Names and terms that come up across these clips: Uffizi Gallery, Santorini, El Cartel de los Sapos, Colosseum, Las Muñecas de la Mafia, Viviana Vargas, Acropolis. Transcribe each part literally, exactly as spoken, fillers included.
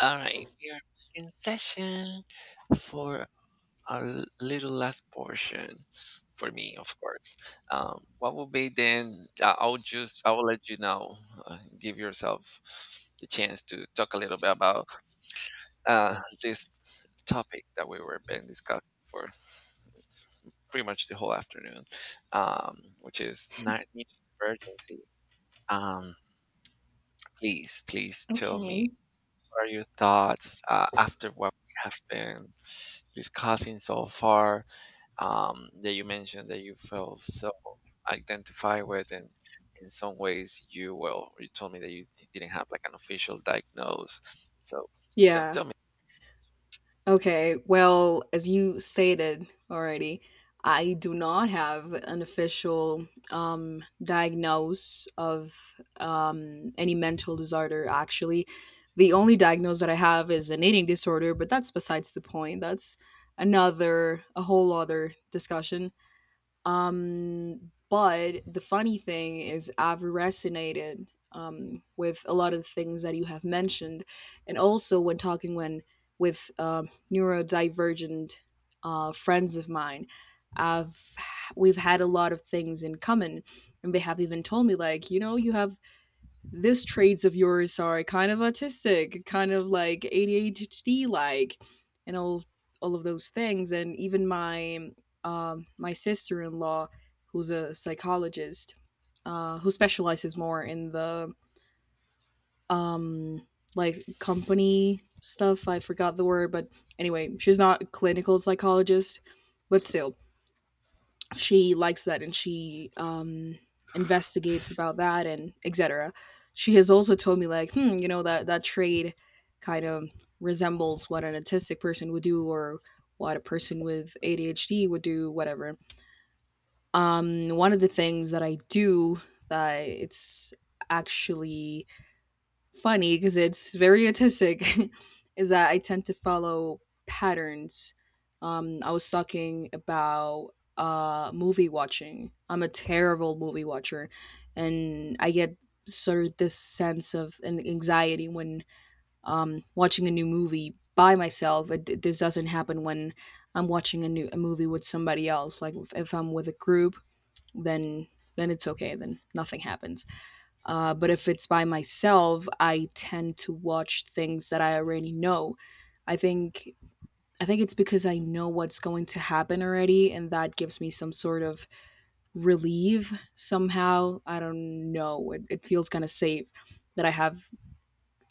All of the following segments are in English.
All right, we are back in session for our l- little last portion for me, of course. Um, what will be then? I- I'll just I'll let you now uh, give yourself the chance to talk a little bit about uh, this topic that we were been discussing for pretty much the whole afternoon, um, which is night emergency. Um, please, please tell me Okay. what are your thoughts uh, after what we have been discussing so far um, that you mentioned that you felt so identified with, and in some ways you, well, you told me that you didn't have like an official diagnose, so tell, Yeah. tell me. Okay. Well, as you stated already, I do not have an official um, diagnose of um, any mental disorder, actually. The only diagnose that I have is an eating disorder, but that's besides the point. That's another, a whole other discussion. Um, but the funny thing is, I've resonated um, with a lot of the things that you have mentioned, and also when talking when with um, neurodivergent uh, friends of mine, I've we've had a lot of things in common, and they have even told me, like, you know, you have this traits of yours are kind of autistic, kind of like A D H D like, and all all of those things. And even my um, my sister in law, who's a psychologist, uh, who specializes more in the um, like company stuff. I forgot the word, but anyway, she's not a clinical psychologist, but still, she likes that and she um, investigates about that and et cetera. She has also told me, like, hmm, you know that that trade kind of resembles what an autistic person would do or what a person with A D H D would do, whatever. Um, one of the things that I do that it's actually funny because it's very autistic is that I tend to follow patterns. Um, I was talking about uh, movie watching. I'm a terrible movie watcher, and I get sort of this sense of an anxiety when um, watching a new movie by myself. It, this doesn't happen when I'm watching a new a movie with somebody else. Like if if I'm with a group, then then it's okay. Then nothing happens. Uh, but if it's by myself, I tend to watch things that I already know. I think I think it's because I know what's going to happen already, and that gives me some sort of relief somehow. I don't know. It, it feels kind of safe that I have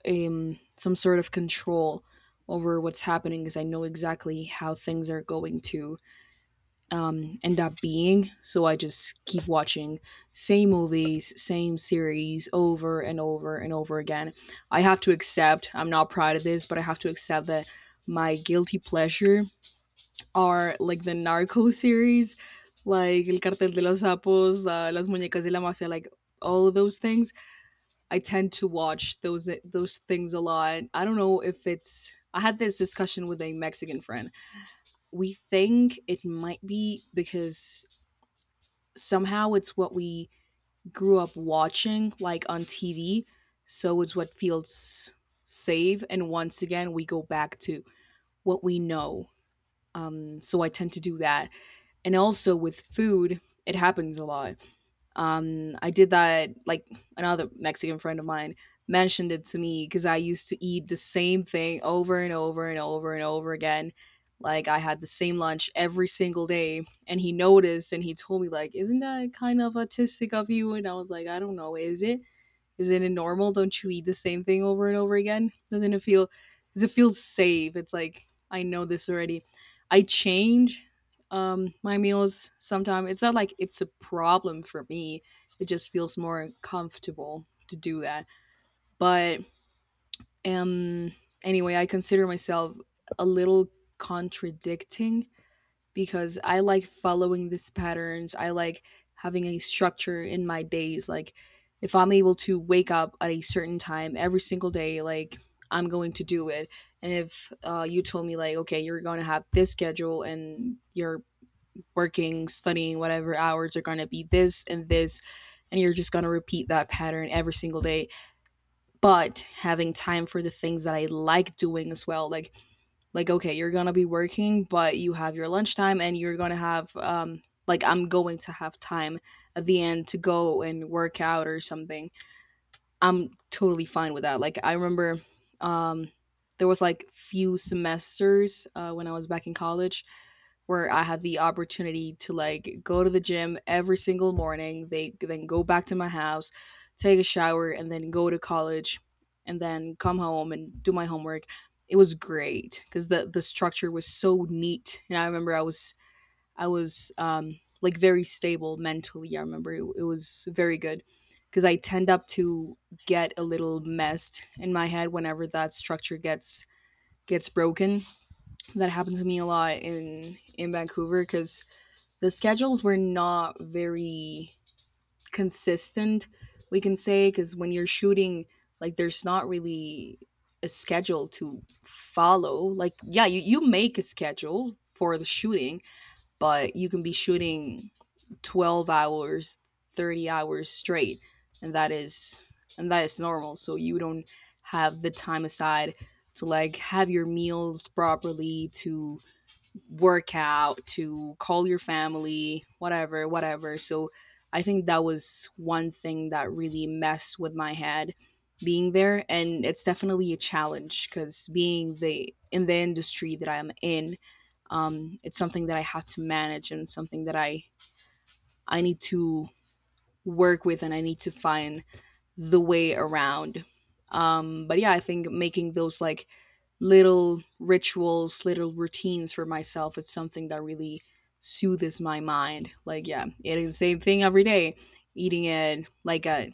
um, some sort of control over what's happening because I know exactly how things are going to um, end up being. So I just keep watching same movies, same series over and over and over again. I have to accept, I'm not proud of this, but I have to accept that my guilty pleasure are like the narco series, like El Cartel de los Sapos, uh, Las Muñecas de la Mafia, like all of those things. I tend to watch those those things a lot. I don't know if it's I had this discussion with a Mexican friend. We think it might be because somehow it's what we grew up watching, like, on T V, so it's what feels safe, and once again we go back to what we know. Um so I tend to do that, and also with food it happens a lot. Um, I did that, like another Mexican friend of mine mentioned it to me because I used to eat the same thing over and over and over and over again. Like I had the same lunch every single day, and he noticed and he told me, like, isn't that kind of autistic of you? And I was like, I don't know, is it? Isn't it normal? Don't you eat the same thing over and over again? Doesn't it feel? Does it feel safe? It's like I know this already. I change um, my meals sometimes. It's not like it's a problem for me. It just feels more comfortable to do that. But um, anyway, I consider myself a little contradicting because I like following these patterns. I like having a structure in my days. Like, if I'm able to wake up at a certain time every single day, like, I'm going to do it. And if uh, you told me, like, okay, you're going to have this schedule and you're working, studying, whatever hours are going to be this and this, and you're just going to repeat that pattern every single day, but having time for the things that I like doing as well. Like, like, okay, you're gonna be working, but you have your lunchtime and you're gonna have um like, I'm going to have time at the end to go and work out or something. I'm totally fine with that. Like, I remember um there was like few semesters uh, when I was back in college where I had the opportunity to, like, go to the gym every single morning, they then go back to my house, take a shower and then go to college and then come home and do my homework. It was great cuz the the structure was so neat. And I remember I was I was um, like, very stable mentally. I remember it, it was very good because I tend up to get a little messed in my head whenever that structure gets gets broken. That happened to me a lot in in Vancouver because the schedules were not very consistent. We can say because when you're shooting, like, there's not really a schedule to follow. Like, yeah, you you make a schedule for the shooting, but you can be shooting twelve hours thirty hours straight, and that is and that is normal, so you don't have the time aside to, like, have your meals properly, to work out, to call your family, whatever, whatever. So I think that was one thing that really messed with my head being there, and it's definitely a challenge because being the in the industry that I'm in, um, it's something that I have to manage and something that i I need to work with and I need to find the way around. Um, but yeah, I think making those, like, little rituals, little routines for myself, it's something that really soothes my mind. Like, yeah, eating the same thing every day, eating it, like, at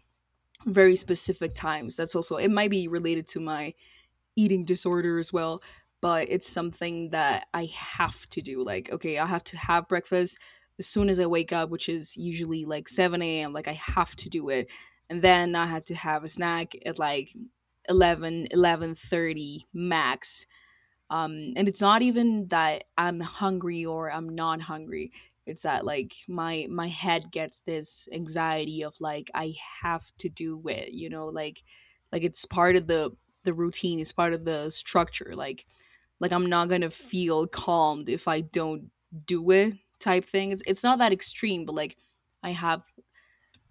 very specific times. That's also, it might be related to my eating disorder as well, but it's something that I have to do, like, okay, I have to have breakfast as soon as I wake up, which is usually like seven a.m, like, I have to do it. And then I had to have a snack at, like, 11, 11 thirty max. Um and it's not even that I'm hungry or I'm not hungry, it's that, like, my my head gets this anxiety of, like, I have to do it, you know, like like it's part of the the routine, it's part of the structure. like like I'm not gonna feel calmed if I don't do it, type thing. it's it's not that extreme, but, like, I have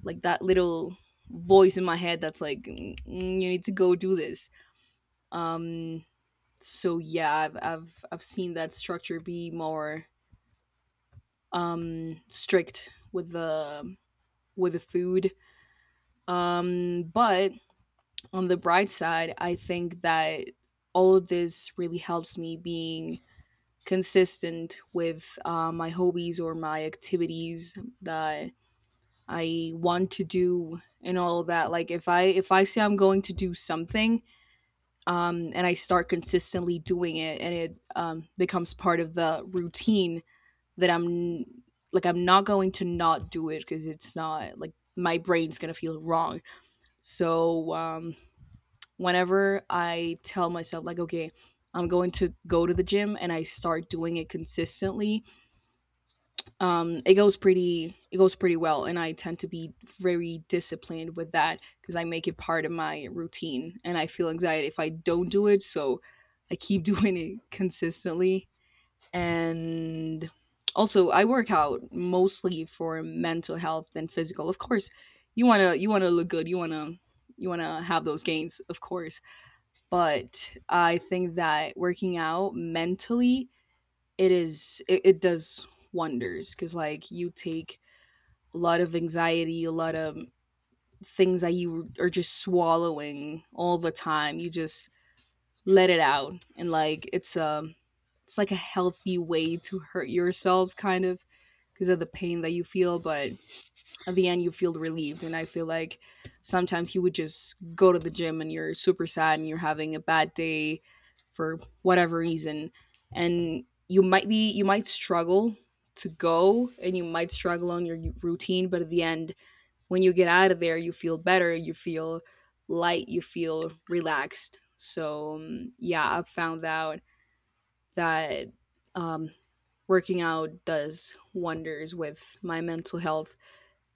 like that little voice in my head that's like, "Mm, mm, you need to go do this." um so yeah, I've I've I've seen that structure be more um strict with the with the food. Um, but on the bright side, I think that all of this really helps me being consistent with uh, my hobbies or my activities that I want to do and all of that. Like, if I if I say I'm going to do something, um, and I start consistently doing it, and it um, becomes part of the routine, that I'm like, I'm not going to not do it because it's not like my brain's gonna feel wrong. So um, whenever I tell myself, like, okay, I'm going to go to the gym and I start doing it consistently, um, it goes pretty it goes pretty well, and I tend to be very disciplined with that because I make it part of my routine, and I feel anxiety if I don't do it. So I keep doing it consistently. And also, I work out mostly for mental health and physical, of course. you want to you want to look good, you want to you want to have those gains, of course. But I think that working out mentally, it is it, it does wonders, because, like, you take a lot of anxiety, a lot of things that you are just swallowing all the time, you just let it out, and, like, it's um it's like a healthy way to hurt yourself, kind of, because of the pain that you feel, but at the end you feel relieved. And I feel like sometimes you would just go to the gym and you're super sad and you're having a bad day for whatever reason, and you might be you might struggle to go, and you might struggle on your routine, but at the end, when you get out of there, you feel better, you feel light, you feel relaxed. So um, yeah, I've found out that um, working out does wonders with my mental health.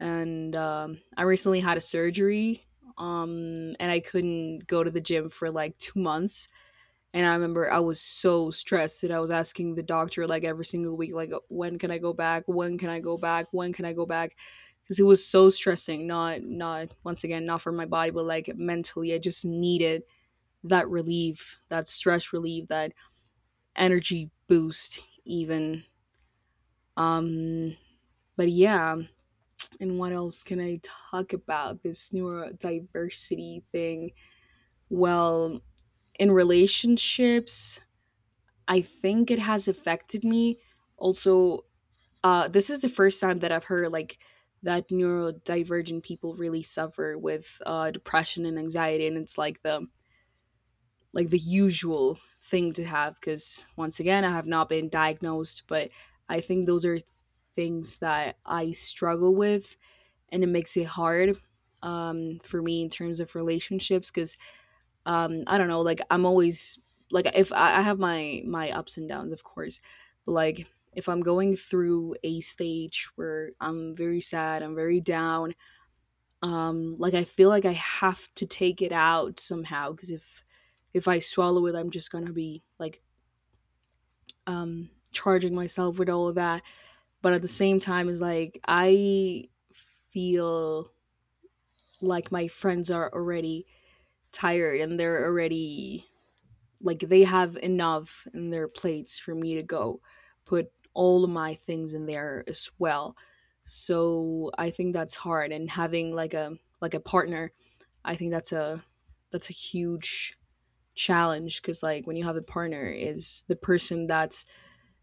And um, I recently had a surgery, um, and I couldn't go to the gym for like two months, and I remember I was so stressed that I was asking the doctor like every single week, like, when can I go back? When can I go back? When can I go back? Because it was so stressing, not not once again, not for my body, but like mentally. I just needed that relief, that stress relief, that energy boost even. Um but yeah, and what else can I talk about? This neurodiversity thing. Well, in relationships, I think it has affected me. Also, uh, this is the first time that I've heard like that neurodivergent people really suffer with uh, depression and anxiety, and it's like the like the usual thing to have. Because once again, I have not been diagnosed, but I think those are things that I struggle with, and it makes it hard um, for me in terms of relationships because um I don't know, like I'm always like if I, I have my my ups and downs, of course, but like if I'm going through a stage where I'm very sad, I'm very down, um like I feel like I have to take it out somehow, because if if I swallow it, I'm just gonna be like um charging myself with all of that, but at the same time is like I feel like my friends are already tired and they're already like they have enough in their plates for me to go put all of my things in there as well. So I think that's hard, and having like a like a partner, I think that's a that's a huge challenge, because like when you have a partner is the person that's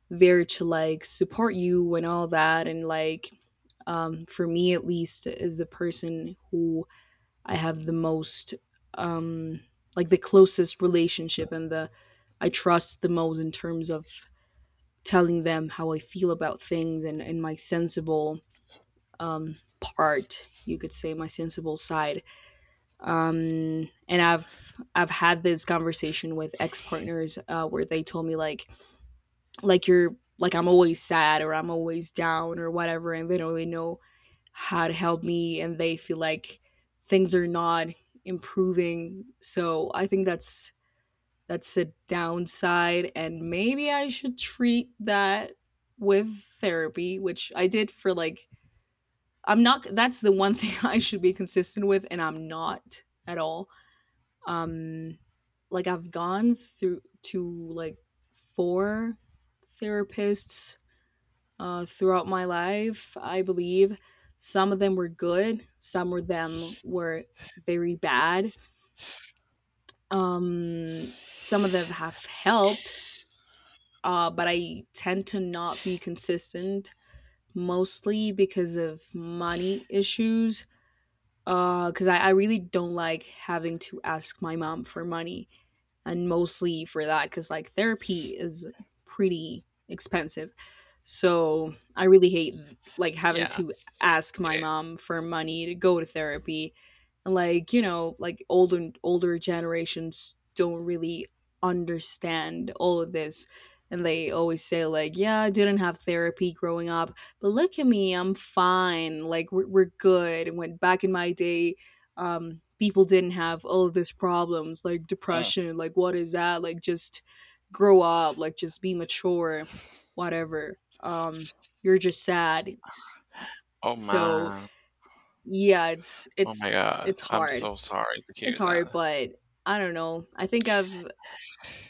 there to like support you and all that, and like, um, for me at least, is the person who I have the most um like the closest relationship, and the I trust the most in terms of telling them how I feel about things, and, and my sensible um part, you could say my sensible side. Um and I've I've had this conversation with ex partners uh, where they told me like like you're like I'm always sad or I'm always down or whatever, and they don't really know had helped me, and they feel like things are not improving. So I think that's that's a downside, and maybe I should treat that with therapy, which I did for like I'm not that's the one thing I should be consistent with, and I'm not at all. Um like I've gone through to like four therapists uh, throughout my life. I believe some of them were good, some of them were very bad. Um, some of them have helped, uh, but I tend to not be consistent mostly because of money issues. Because I, I really don't like having to ask my mom for money, and mostly for that because like therapy is pretty expensive, so I really hate like having Yeah, to ask my it is. mom for money to go to therapy, and like, you know, like older older generations don't really understand all of this, and they always say like, yeah, I didn't have therapy growing up but look at me, I'm fine, like we're, we're good. And when back in my day, um, people didn't have all of these problems, like Mm. depression, like, what is that? Like just grow up, like just be mature, whatever. Um, you're just sad. Oh, So man. yeah, it's Oh my it's god, it's I'm hard. so sorry to It's hear that. hard, but I don't know. I think I've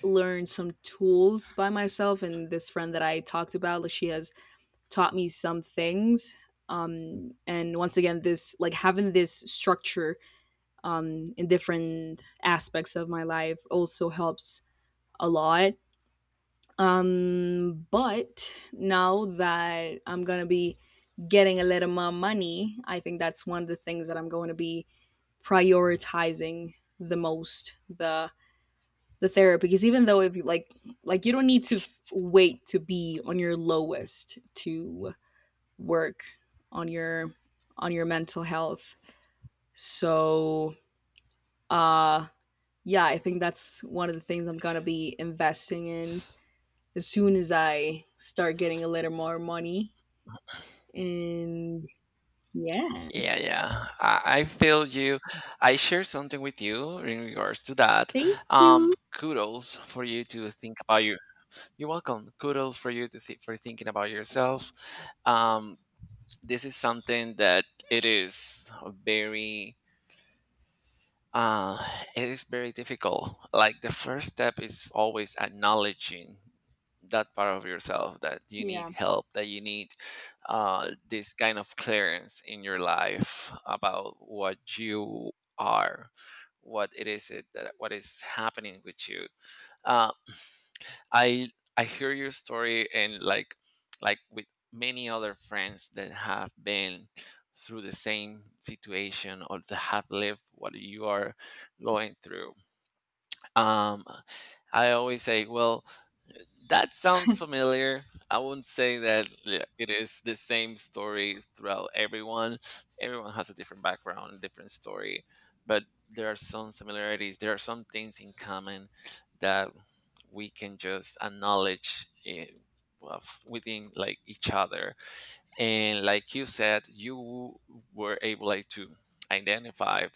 learned some tools by myself, and this friend that I talked about, like she has taught me some things. Um and once again, this like having this structure um, in different aspects of my life also helps a lot. Um, but now that I'm going to be getting a little more money, I think that's one of the things that I'm going to be prioritizing the most, the the therapy, because even though if you like like you don't need to f- wait to be on your lowest to work on your on your mental health, so uh yeah, I think that's one of the things I'm gonna be investing in as soon as I start getting a little more money. And yeah, Yeah, yeah. I, I feel you. I share something with you in regards to that. thank Um, you. Kudos for you to think about. You're welcome. Kudos for you to thi- for thinking about yourself. Um, this is something that it is very uh, it is very difficult. Like, the first step is always acknowledging that part of yourself, that you need Yeah. help, that you need uh, this kind of clearance in your life about what you are, what it is it that, what is happening with you. Uh, I I hear your story, and like, like with many other friends that have been through the same situation or that have lived what you are going through, um, I always say, well, that sounds familiar. I wouldn't say that yeah, it is the same story throughout everyone. Everyone has a different background, different story, but there are some similarities. There are some things in common that we can just acknowledge in, of- within, like, each other. And like you said, you were able, like, to identify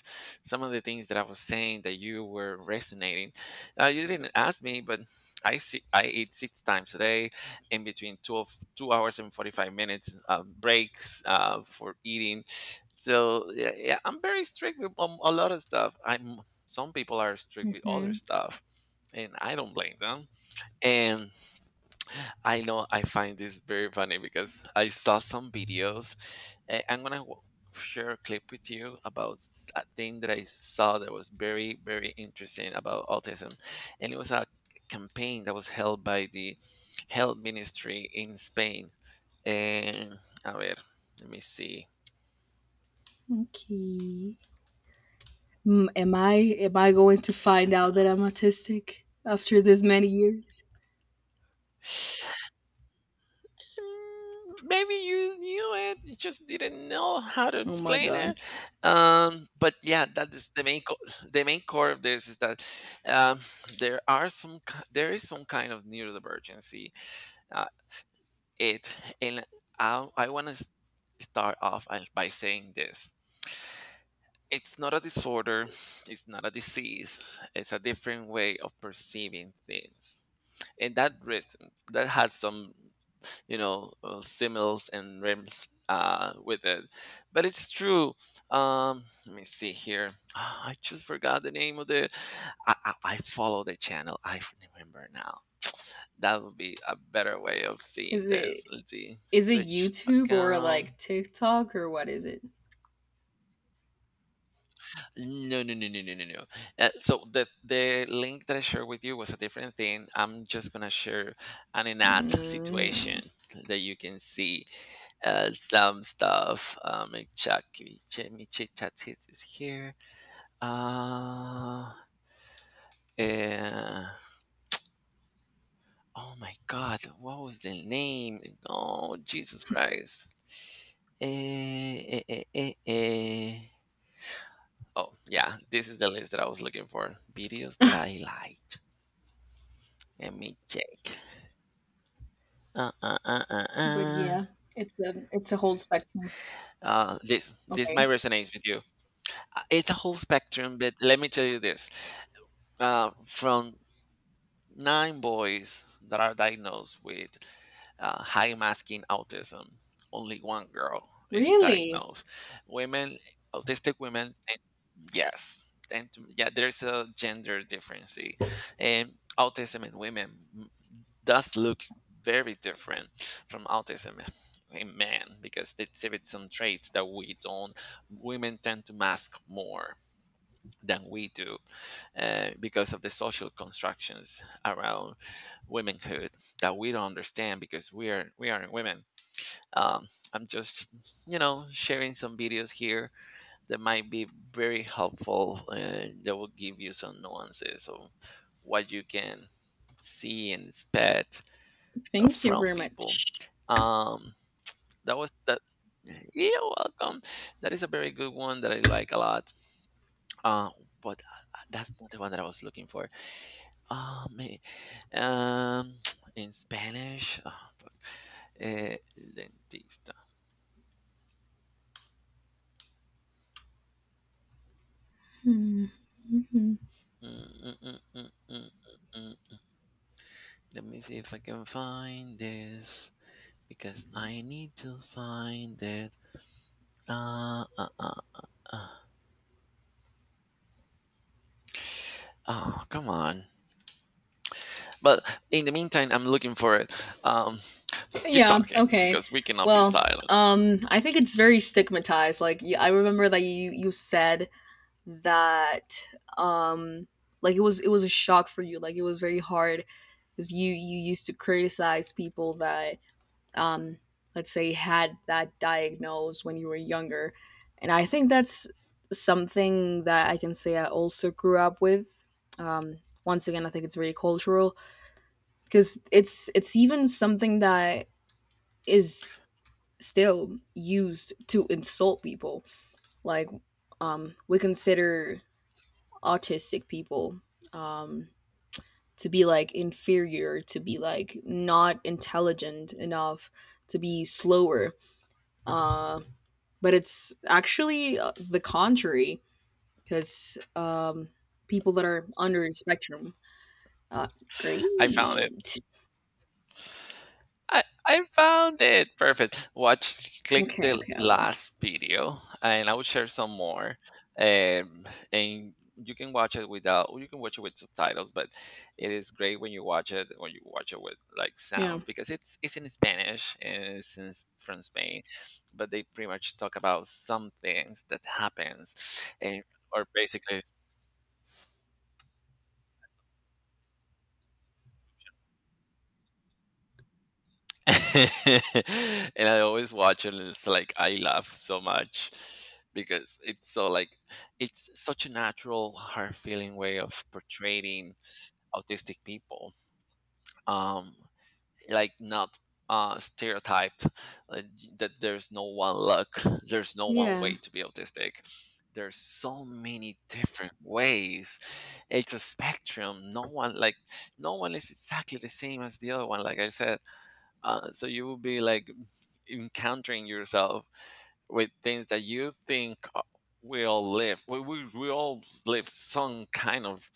some of the things that I was saying that you were resonating. Uh, you didn't ask me, but i see I eat six times a day in between twelve two hours and forty-five minutes uh, breaks uh, for eating. So yeah, yeah, I'm very strict with, um, a lot of stuff. I'm Some people are strict with other Hmm. stuff, and I don't blame them. And I know, I find this very funny because I saw some videos. eh, I'm gonna w- share a clip with you about a thing that I saw that was very, very interesting about autism, and it was a campaign that was held by the health ministry in Spain. And a ver, let me see. Okay. Mm, am I am I going to find uh, out that I'm autistic after this many years? Mm, maybe you knew it, you just didn't know how to Oh my explain god. it. Um, but yeah, that is the main co- the main core of this, is that um, there are some ki- there is some kind of neurodivergency. Uh, it and i, I want to start off as- by saying this: it's not a disorder, it's not a disease, it's a different way of perceiving things. And that rhythm that has some, you know uh, similes and rims uh, with it, but it's true. Um let me see here. I just forgot the name of the, i i, I follow the channel. I f- remember now, that would be a better way of seeing Is this. it Let's see, is it switch YouTube or account. like TikTok or what is it? No, no, no, no, no, no, no. Uh, so the the link that I shared with you was a different thing. I'm just gonna share an in-app Mm. situation that you can see uh, some stuff. Um, let me check, let me check, chat is here. Uh, uh, oh my God, what was the name? Oh Jesus Christ. Eh, eh, eh, eh, eh. Oh yeah, this is the list that I was looking for. Videos that I liked. Let me check. Uh, uh, uh, uh, But uh. yeah, it's a it's a whole spectrum. Uh, this this might Okay. resonate with you. Uh, It's a whole spectrum, but let me tell you this. Uh, from nine boys that are diagnosed with uh, high masking autism, only one girl is Really? diagnosed. Women, autistic women, and yes, and to- yeah, there's a gender difference. Sí. And autism in women m- does look very different from autism in men, because they exhibit some traits that we don't. Women tend to mask more than we do, uh, because of the social constructions around womanhood that we don't understand, because we are we aren't women. Um, I'm just, you know sharing some videos here that might be very helpful. Uh, that will give you some nuances of what you can see and expect uh, Thank you from very people. much. Um, that was that. You're welcome. That is a very good one that I like a lot. Uh, but uh, that's not the one that I was looking for. Um, Um, in Spanish, oh, fuck. Eh, dentista. Mhm. Mm, mm, mm, mm, mm, mm, mm. Let me see if I can find this, because I need to find it. Uh, uh, uh, uh. Oh, come on. But in the meantime, I'm looking for it. Um, Keep Yeah, talking, okay. because we cannot be Well, silent. um I think it's very stigmatized. Like y- I remember that you you said that um like it was it was a shock for you. Like it was very hard, cuz you you used to criticize people that um let's say had that diagnosed when you were younger. And I think that's something that I can say I also grew up with. Um Once again, I think it's very cultural because it's it's even something that is still used to insult people, like um we consider autistic people um to be like inferior, to be like not intelligent enough, to be slower, uh but it's actually uh, the contrary, because um people that are under the spectrum uh I found it. great. I I found it, perfect. Watch, click Okay, the okay, I will. last video, and I will share some more. Um, and you can watch it without. You can watch it with subtitles, but it is great when you watch it when you watch it with, like, Yeah, sounds, because it's it's in Spanish, and it's in, s- from Spain, but they pretty much talk about some things that happens, and, or basically, and I always watch it, and it's like I laugh so much because it's so like it's such a natural, hard feeling way of portraying autistic people. Um like Not uh stereotyped. uh, that there's no one look, there's no one yeah. way to be autistic. There's so many different ways. It's a spectrum. No one like no one is exactly the same as the other one, like I said. Uh, so you will be, like, encountering yourself with things that you think, uh, we all live. We, we, we all live some kind of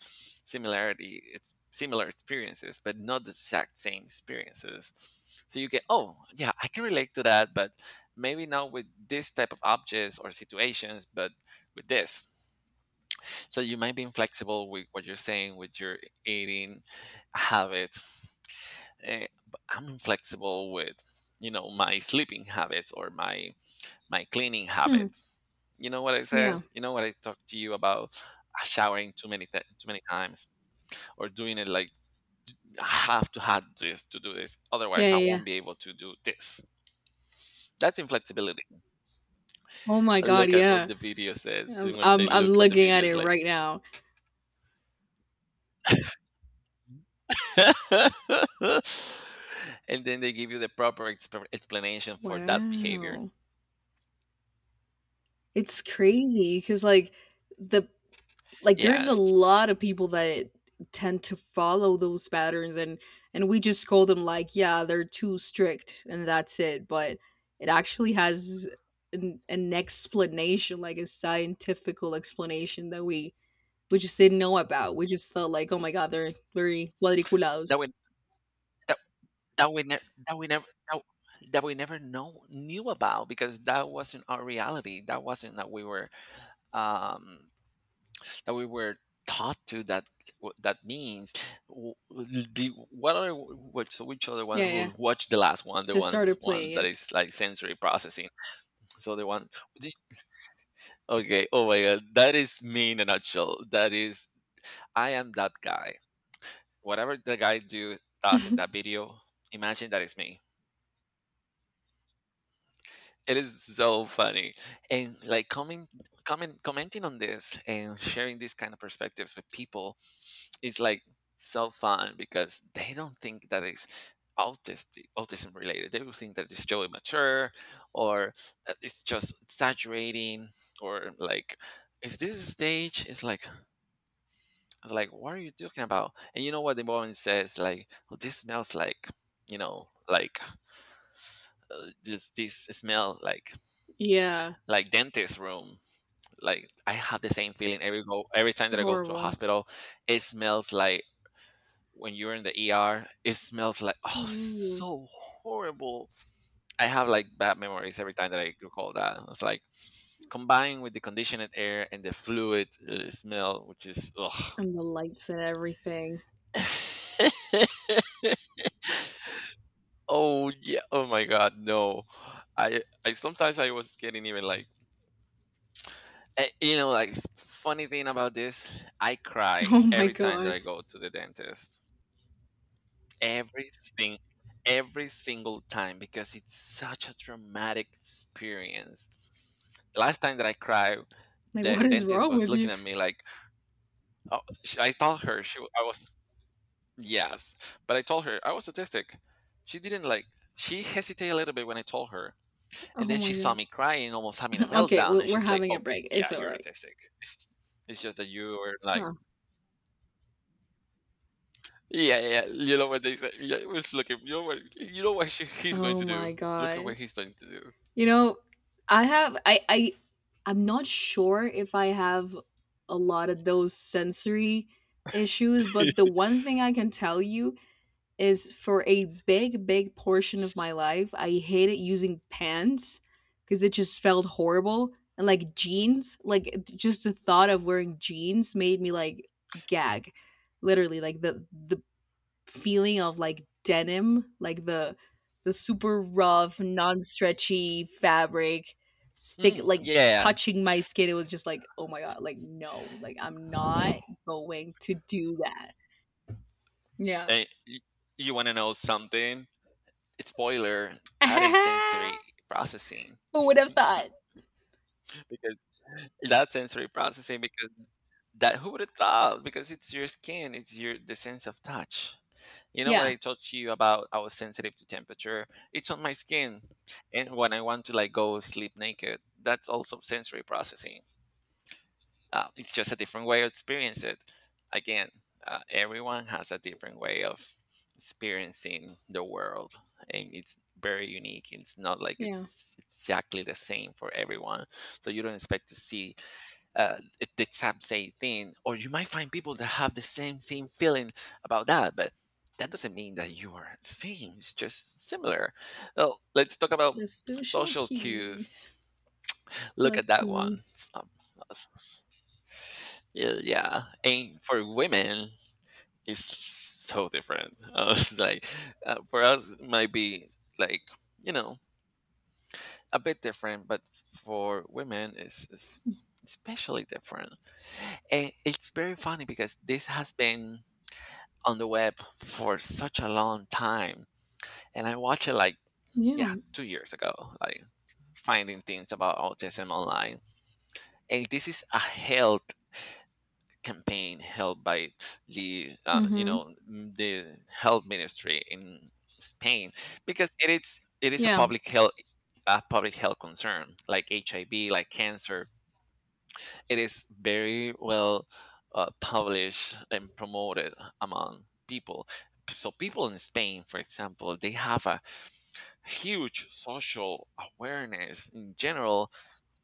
similarity, it's similar experiences, but not the exact same experiences. So you get, oh, yeah, I can relate to that, but maybe not with this type of objects or situations, but with this. So you might be inflexible with what you're saying, with your eating habits. eh, b- I'm flexible with, you know my sleeping habits, or my my cleaning Hmm. habits. You know what I Yeah. said? You know what I talked to you about? Uh, Showering too many ti- too many times, or doing it like, I have to have this to do this, otherwise Yeah, I yeah. Yeah. won't be able to do this. That's inflexibility. Oh my god, Look at what yeah. the video says, I'm and when they I'm I'm look at the looking at videos, it like, right now. and then they give you the proper exp- explanation for that behavior. Wow. It's crazy. Cause like, the like, there's a Yes, lot of people that tend to follow those patterns, and and we just scold them like, "Yeah, they're too strict," and that's it, but it actually has an an explanation, like, a scientifical explanation that we we just didn't know about. We just thought like, "Oh my god, they're very cuadriculados." that would that we ne- that we never that, that we never know knew about, because that wasn't our reality, that wasn't that we were um that we were taught to, that what that means. W- the, what are, which, so which other one, Yeah, yeah. who, watch the last one, the Just one the started one playing that it. is like sensory processing. So the one, the- okay, oh my god, that is me in a nutshell. That is I am that guy, whatever the guy do does in that video, imagine that is me. It is so funny. And like, coming comment commenting on this and sharing these kind of perspectives with people is, like, so fun, because they don't think that it's autistic autism related. They will think that it's Joey mature, or that it's just exaggerating, or like, is this a stage? It's like, like what are you talking about? And you know what the woman says, like, "Oh, this smells like, you know like uh, this this smell like, Yeah, like dentist room." Like, I have the same feeling every go every time that I go to a horrible. hospital. It smells like when you're in the E R. It smells like, oh, Ooh, so horrible. I have, like, bad memories every time that I recall that. It's like combined with the conditioned air and the fluid uh, smell, which is ugh. and the lights and everything. Oh yeah. Oh my God. No. I I sometimes, I was getting even like eh, you know like s- funny thing about this. I Oh cry my every time that god. I go to the dentist. every sing every single time, because it's such a traumatic experience. Last time that I cried, Like, the what is dentist wrong was with you? looking at me like, oh, sh- I told her, she w- I was, yes, but I told her I was autistic. She didn't like. She hesitated a little bit when I told her, Oh and then she my saw god. me crying, almost having a Okay, meltdown, we and we're she's like, having a "Okay, break. yeah, It's all you're right. autistic. It's, it's just that you were like, Huh. yeah, yeah, yeah, you know what they say. Yeah, it was looking. You know what? You know what she, he's going Oh to do. my Look at what god. he's going to do." You know, I have I I I'm not sure if I have a lot of those sensory issues, but the one thing I can tell you is for a big, big portion of my life, I hated using pants because it just felt horrible. And like jeans, like it- just the thought of wearing jeans made me like gag. Literally, like the the feeling of like denim, like the the super rough, non-stretchy fabric stick Mm, like yeah. touching my skin. It was just like, oh my god, like no, like I'm not going to do that. Yeah. And you, you want to know something? Spoiler, that is sensory processing. Who would have thought? because that sensory processing because that who would have thought because it's your skin, it's your the sense of touch. You know what I Yeah. told you about? I was sensitive to temperature. It's on my skin. And when I want to like go sleep naked, that's also sensory processing. Uh, it's just a different way to experience it. Again, uh, everyone has a different way of experiencing the world, and it's very unique. It's not like Yeah. it's exactly the same for everyone, so you don't expect to see uh, it- the exact same thing. Or you might find people that have the same same feeling about that, but that doesn't mean that you are the same. It's just similar. Well, let's talk about The social social cues. cues. Look at Let's that one. see. Yeah, yeah. And for women, it's so different. Uh, it's like uh, for us, it might be like you know a bit different, but for women, it's, it's especially different. And it's very funny because this has been on the web for such a long time, and I watched it like yeah, Yeah. two years ago, like finding things about autism online. And this is a health. Campaign held by the uh, you Mm-hmm. know m- the health ministry in Spain, because it is it is a Yeah. public health, a public health concern, like H I V, like cancer. It is very well uh, published and promoted among people. So people in Spain, for example, they have a huge social awareness in general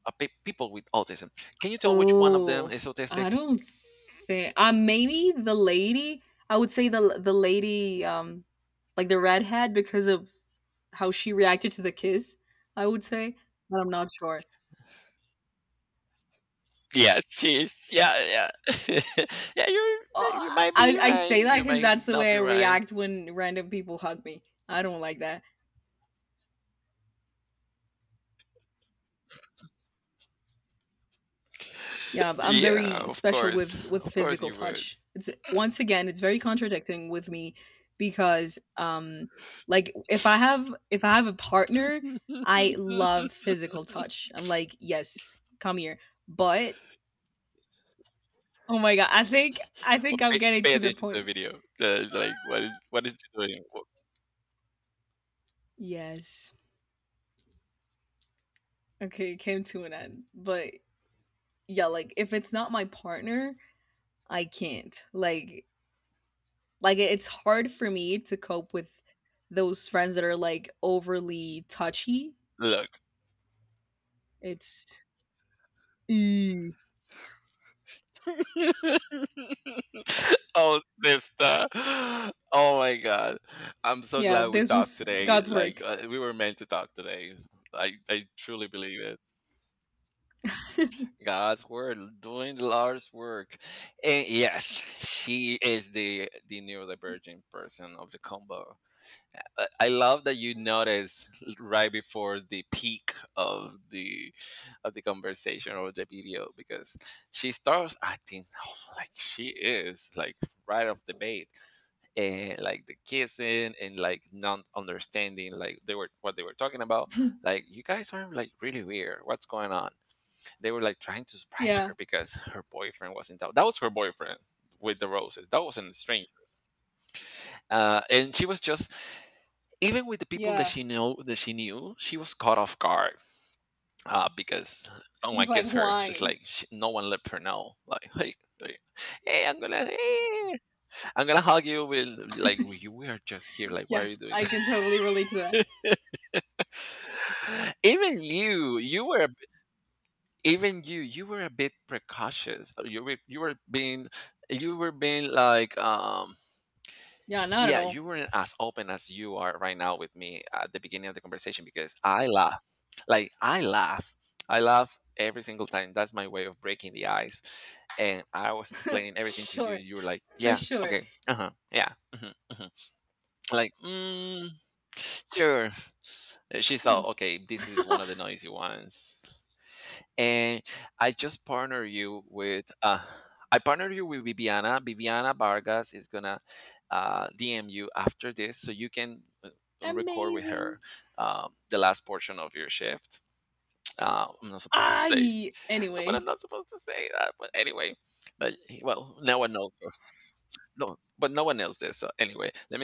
of pe- people with autism. Can you tell which one of them Oh, is I autistic? don't think. Uh, maybe the lady. I would say the the lady, um, like the redhead, because of how she reacted to the kiss. I would say, but I'm not sure. Yes, cheers. Yeah, yeah. Yeah, you you Uh, might be I I right. say that You because might that's the not way be I right. react when random people hug me. I don't like that. Yeah, but I'm Yeah, very of special with course. with Of course physical you would. touch. It's once again, it's very contradicting with me because um like if I have if I have a partner, I love physical touch. I'm like, "Yes, come here." But oh my god, I think I But think I'm pay, getting pay to the attention to the point. video. The, like what is what is she doing? Wo- Yes. Okay, it came to an end. But yeah, like if it's not my partner, I can't. Like Like, it it's hard for me to cope with those friends that are, like, overly touchy. Look. It's Oh sister. Oh my god. I'm so Yeah, glad we this talked was today. God's Like work. uh, we were meant to talk today. I I truly believe it. God's word, doing the Lord's work. And yes, she is the the neurodivergent person of the combo. Uh, I love that you notice right before the peak of the of the conversation or the video, because she starts acting like she is like right off the bat, and like the kissing and like not understanding like they were what they were talking about. Like you guys are like really weird. What's going on? They were like trying to surprise Yeah, her because her boyfriend was in town. That was her boyfriend with the roses. That wasn't a stranger. Uh, and she was just, even with the people that yeah. she know that she knew, she was caught off guard uh, because It someone was like, kissed her. It's "Why?" like she, no one let her know. Like hey, like, hey, I'm gonna hey, I'm gonna hug you. With like we, we are just here. Like why are you Yes, doing I that? can totally relate to that. even you, you were even you you were a bit precautious. Uh, you were you were being you were being like um Yeah, not at yeah, you all. weren't as open as you are right now with me at the beginning of the conversation. Because I laugh, like i laugh I laugh every single time. That's my way of breaking the ice. And I was explaining everything to you, Sure, and you were like for yeah, sure. okay, uh-huh, yeah, hmm, hmm, like mm, sure. Uh, she Hmm. thought, okay, this is one of the noisy ones. And I just partner you with uh, I partner you with Viviana. Viviana Vargas is gonna uh, D M you after this, so you can uh, record with Amazing. her um, the last portion of your shift. Uh, I'm not supposed to say, I but I'm Anyway. not supposed to say that. But anyway, but he- well, no one knows. Uh, No, but no one knows this. So anyway, let me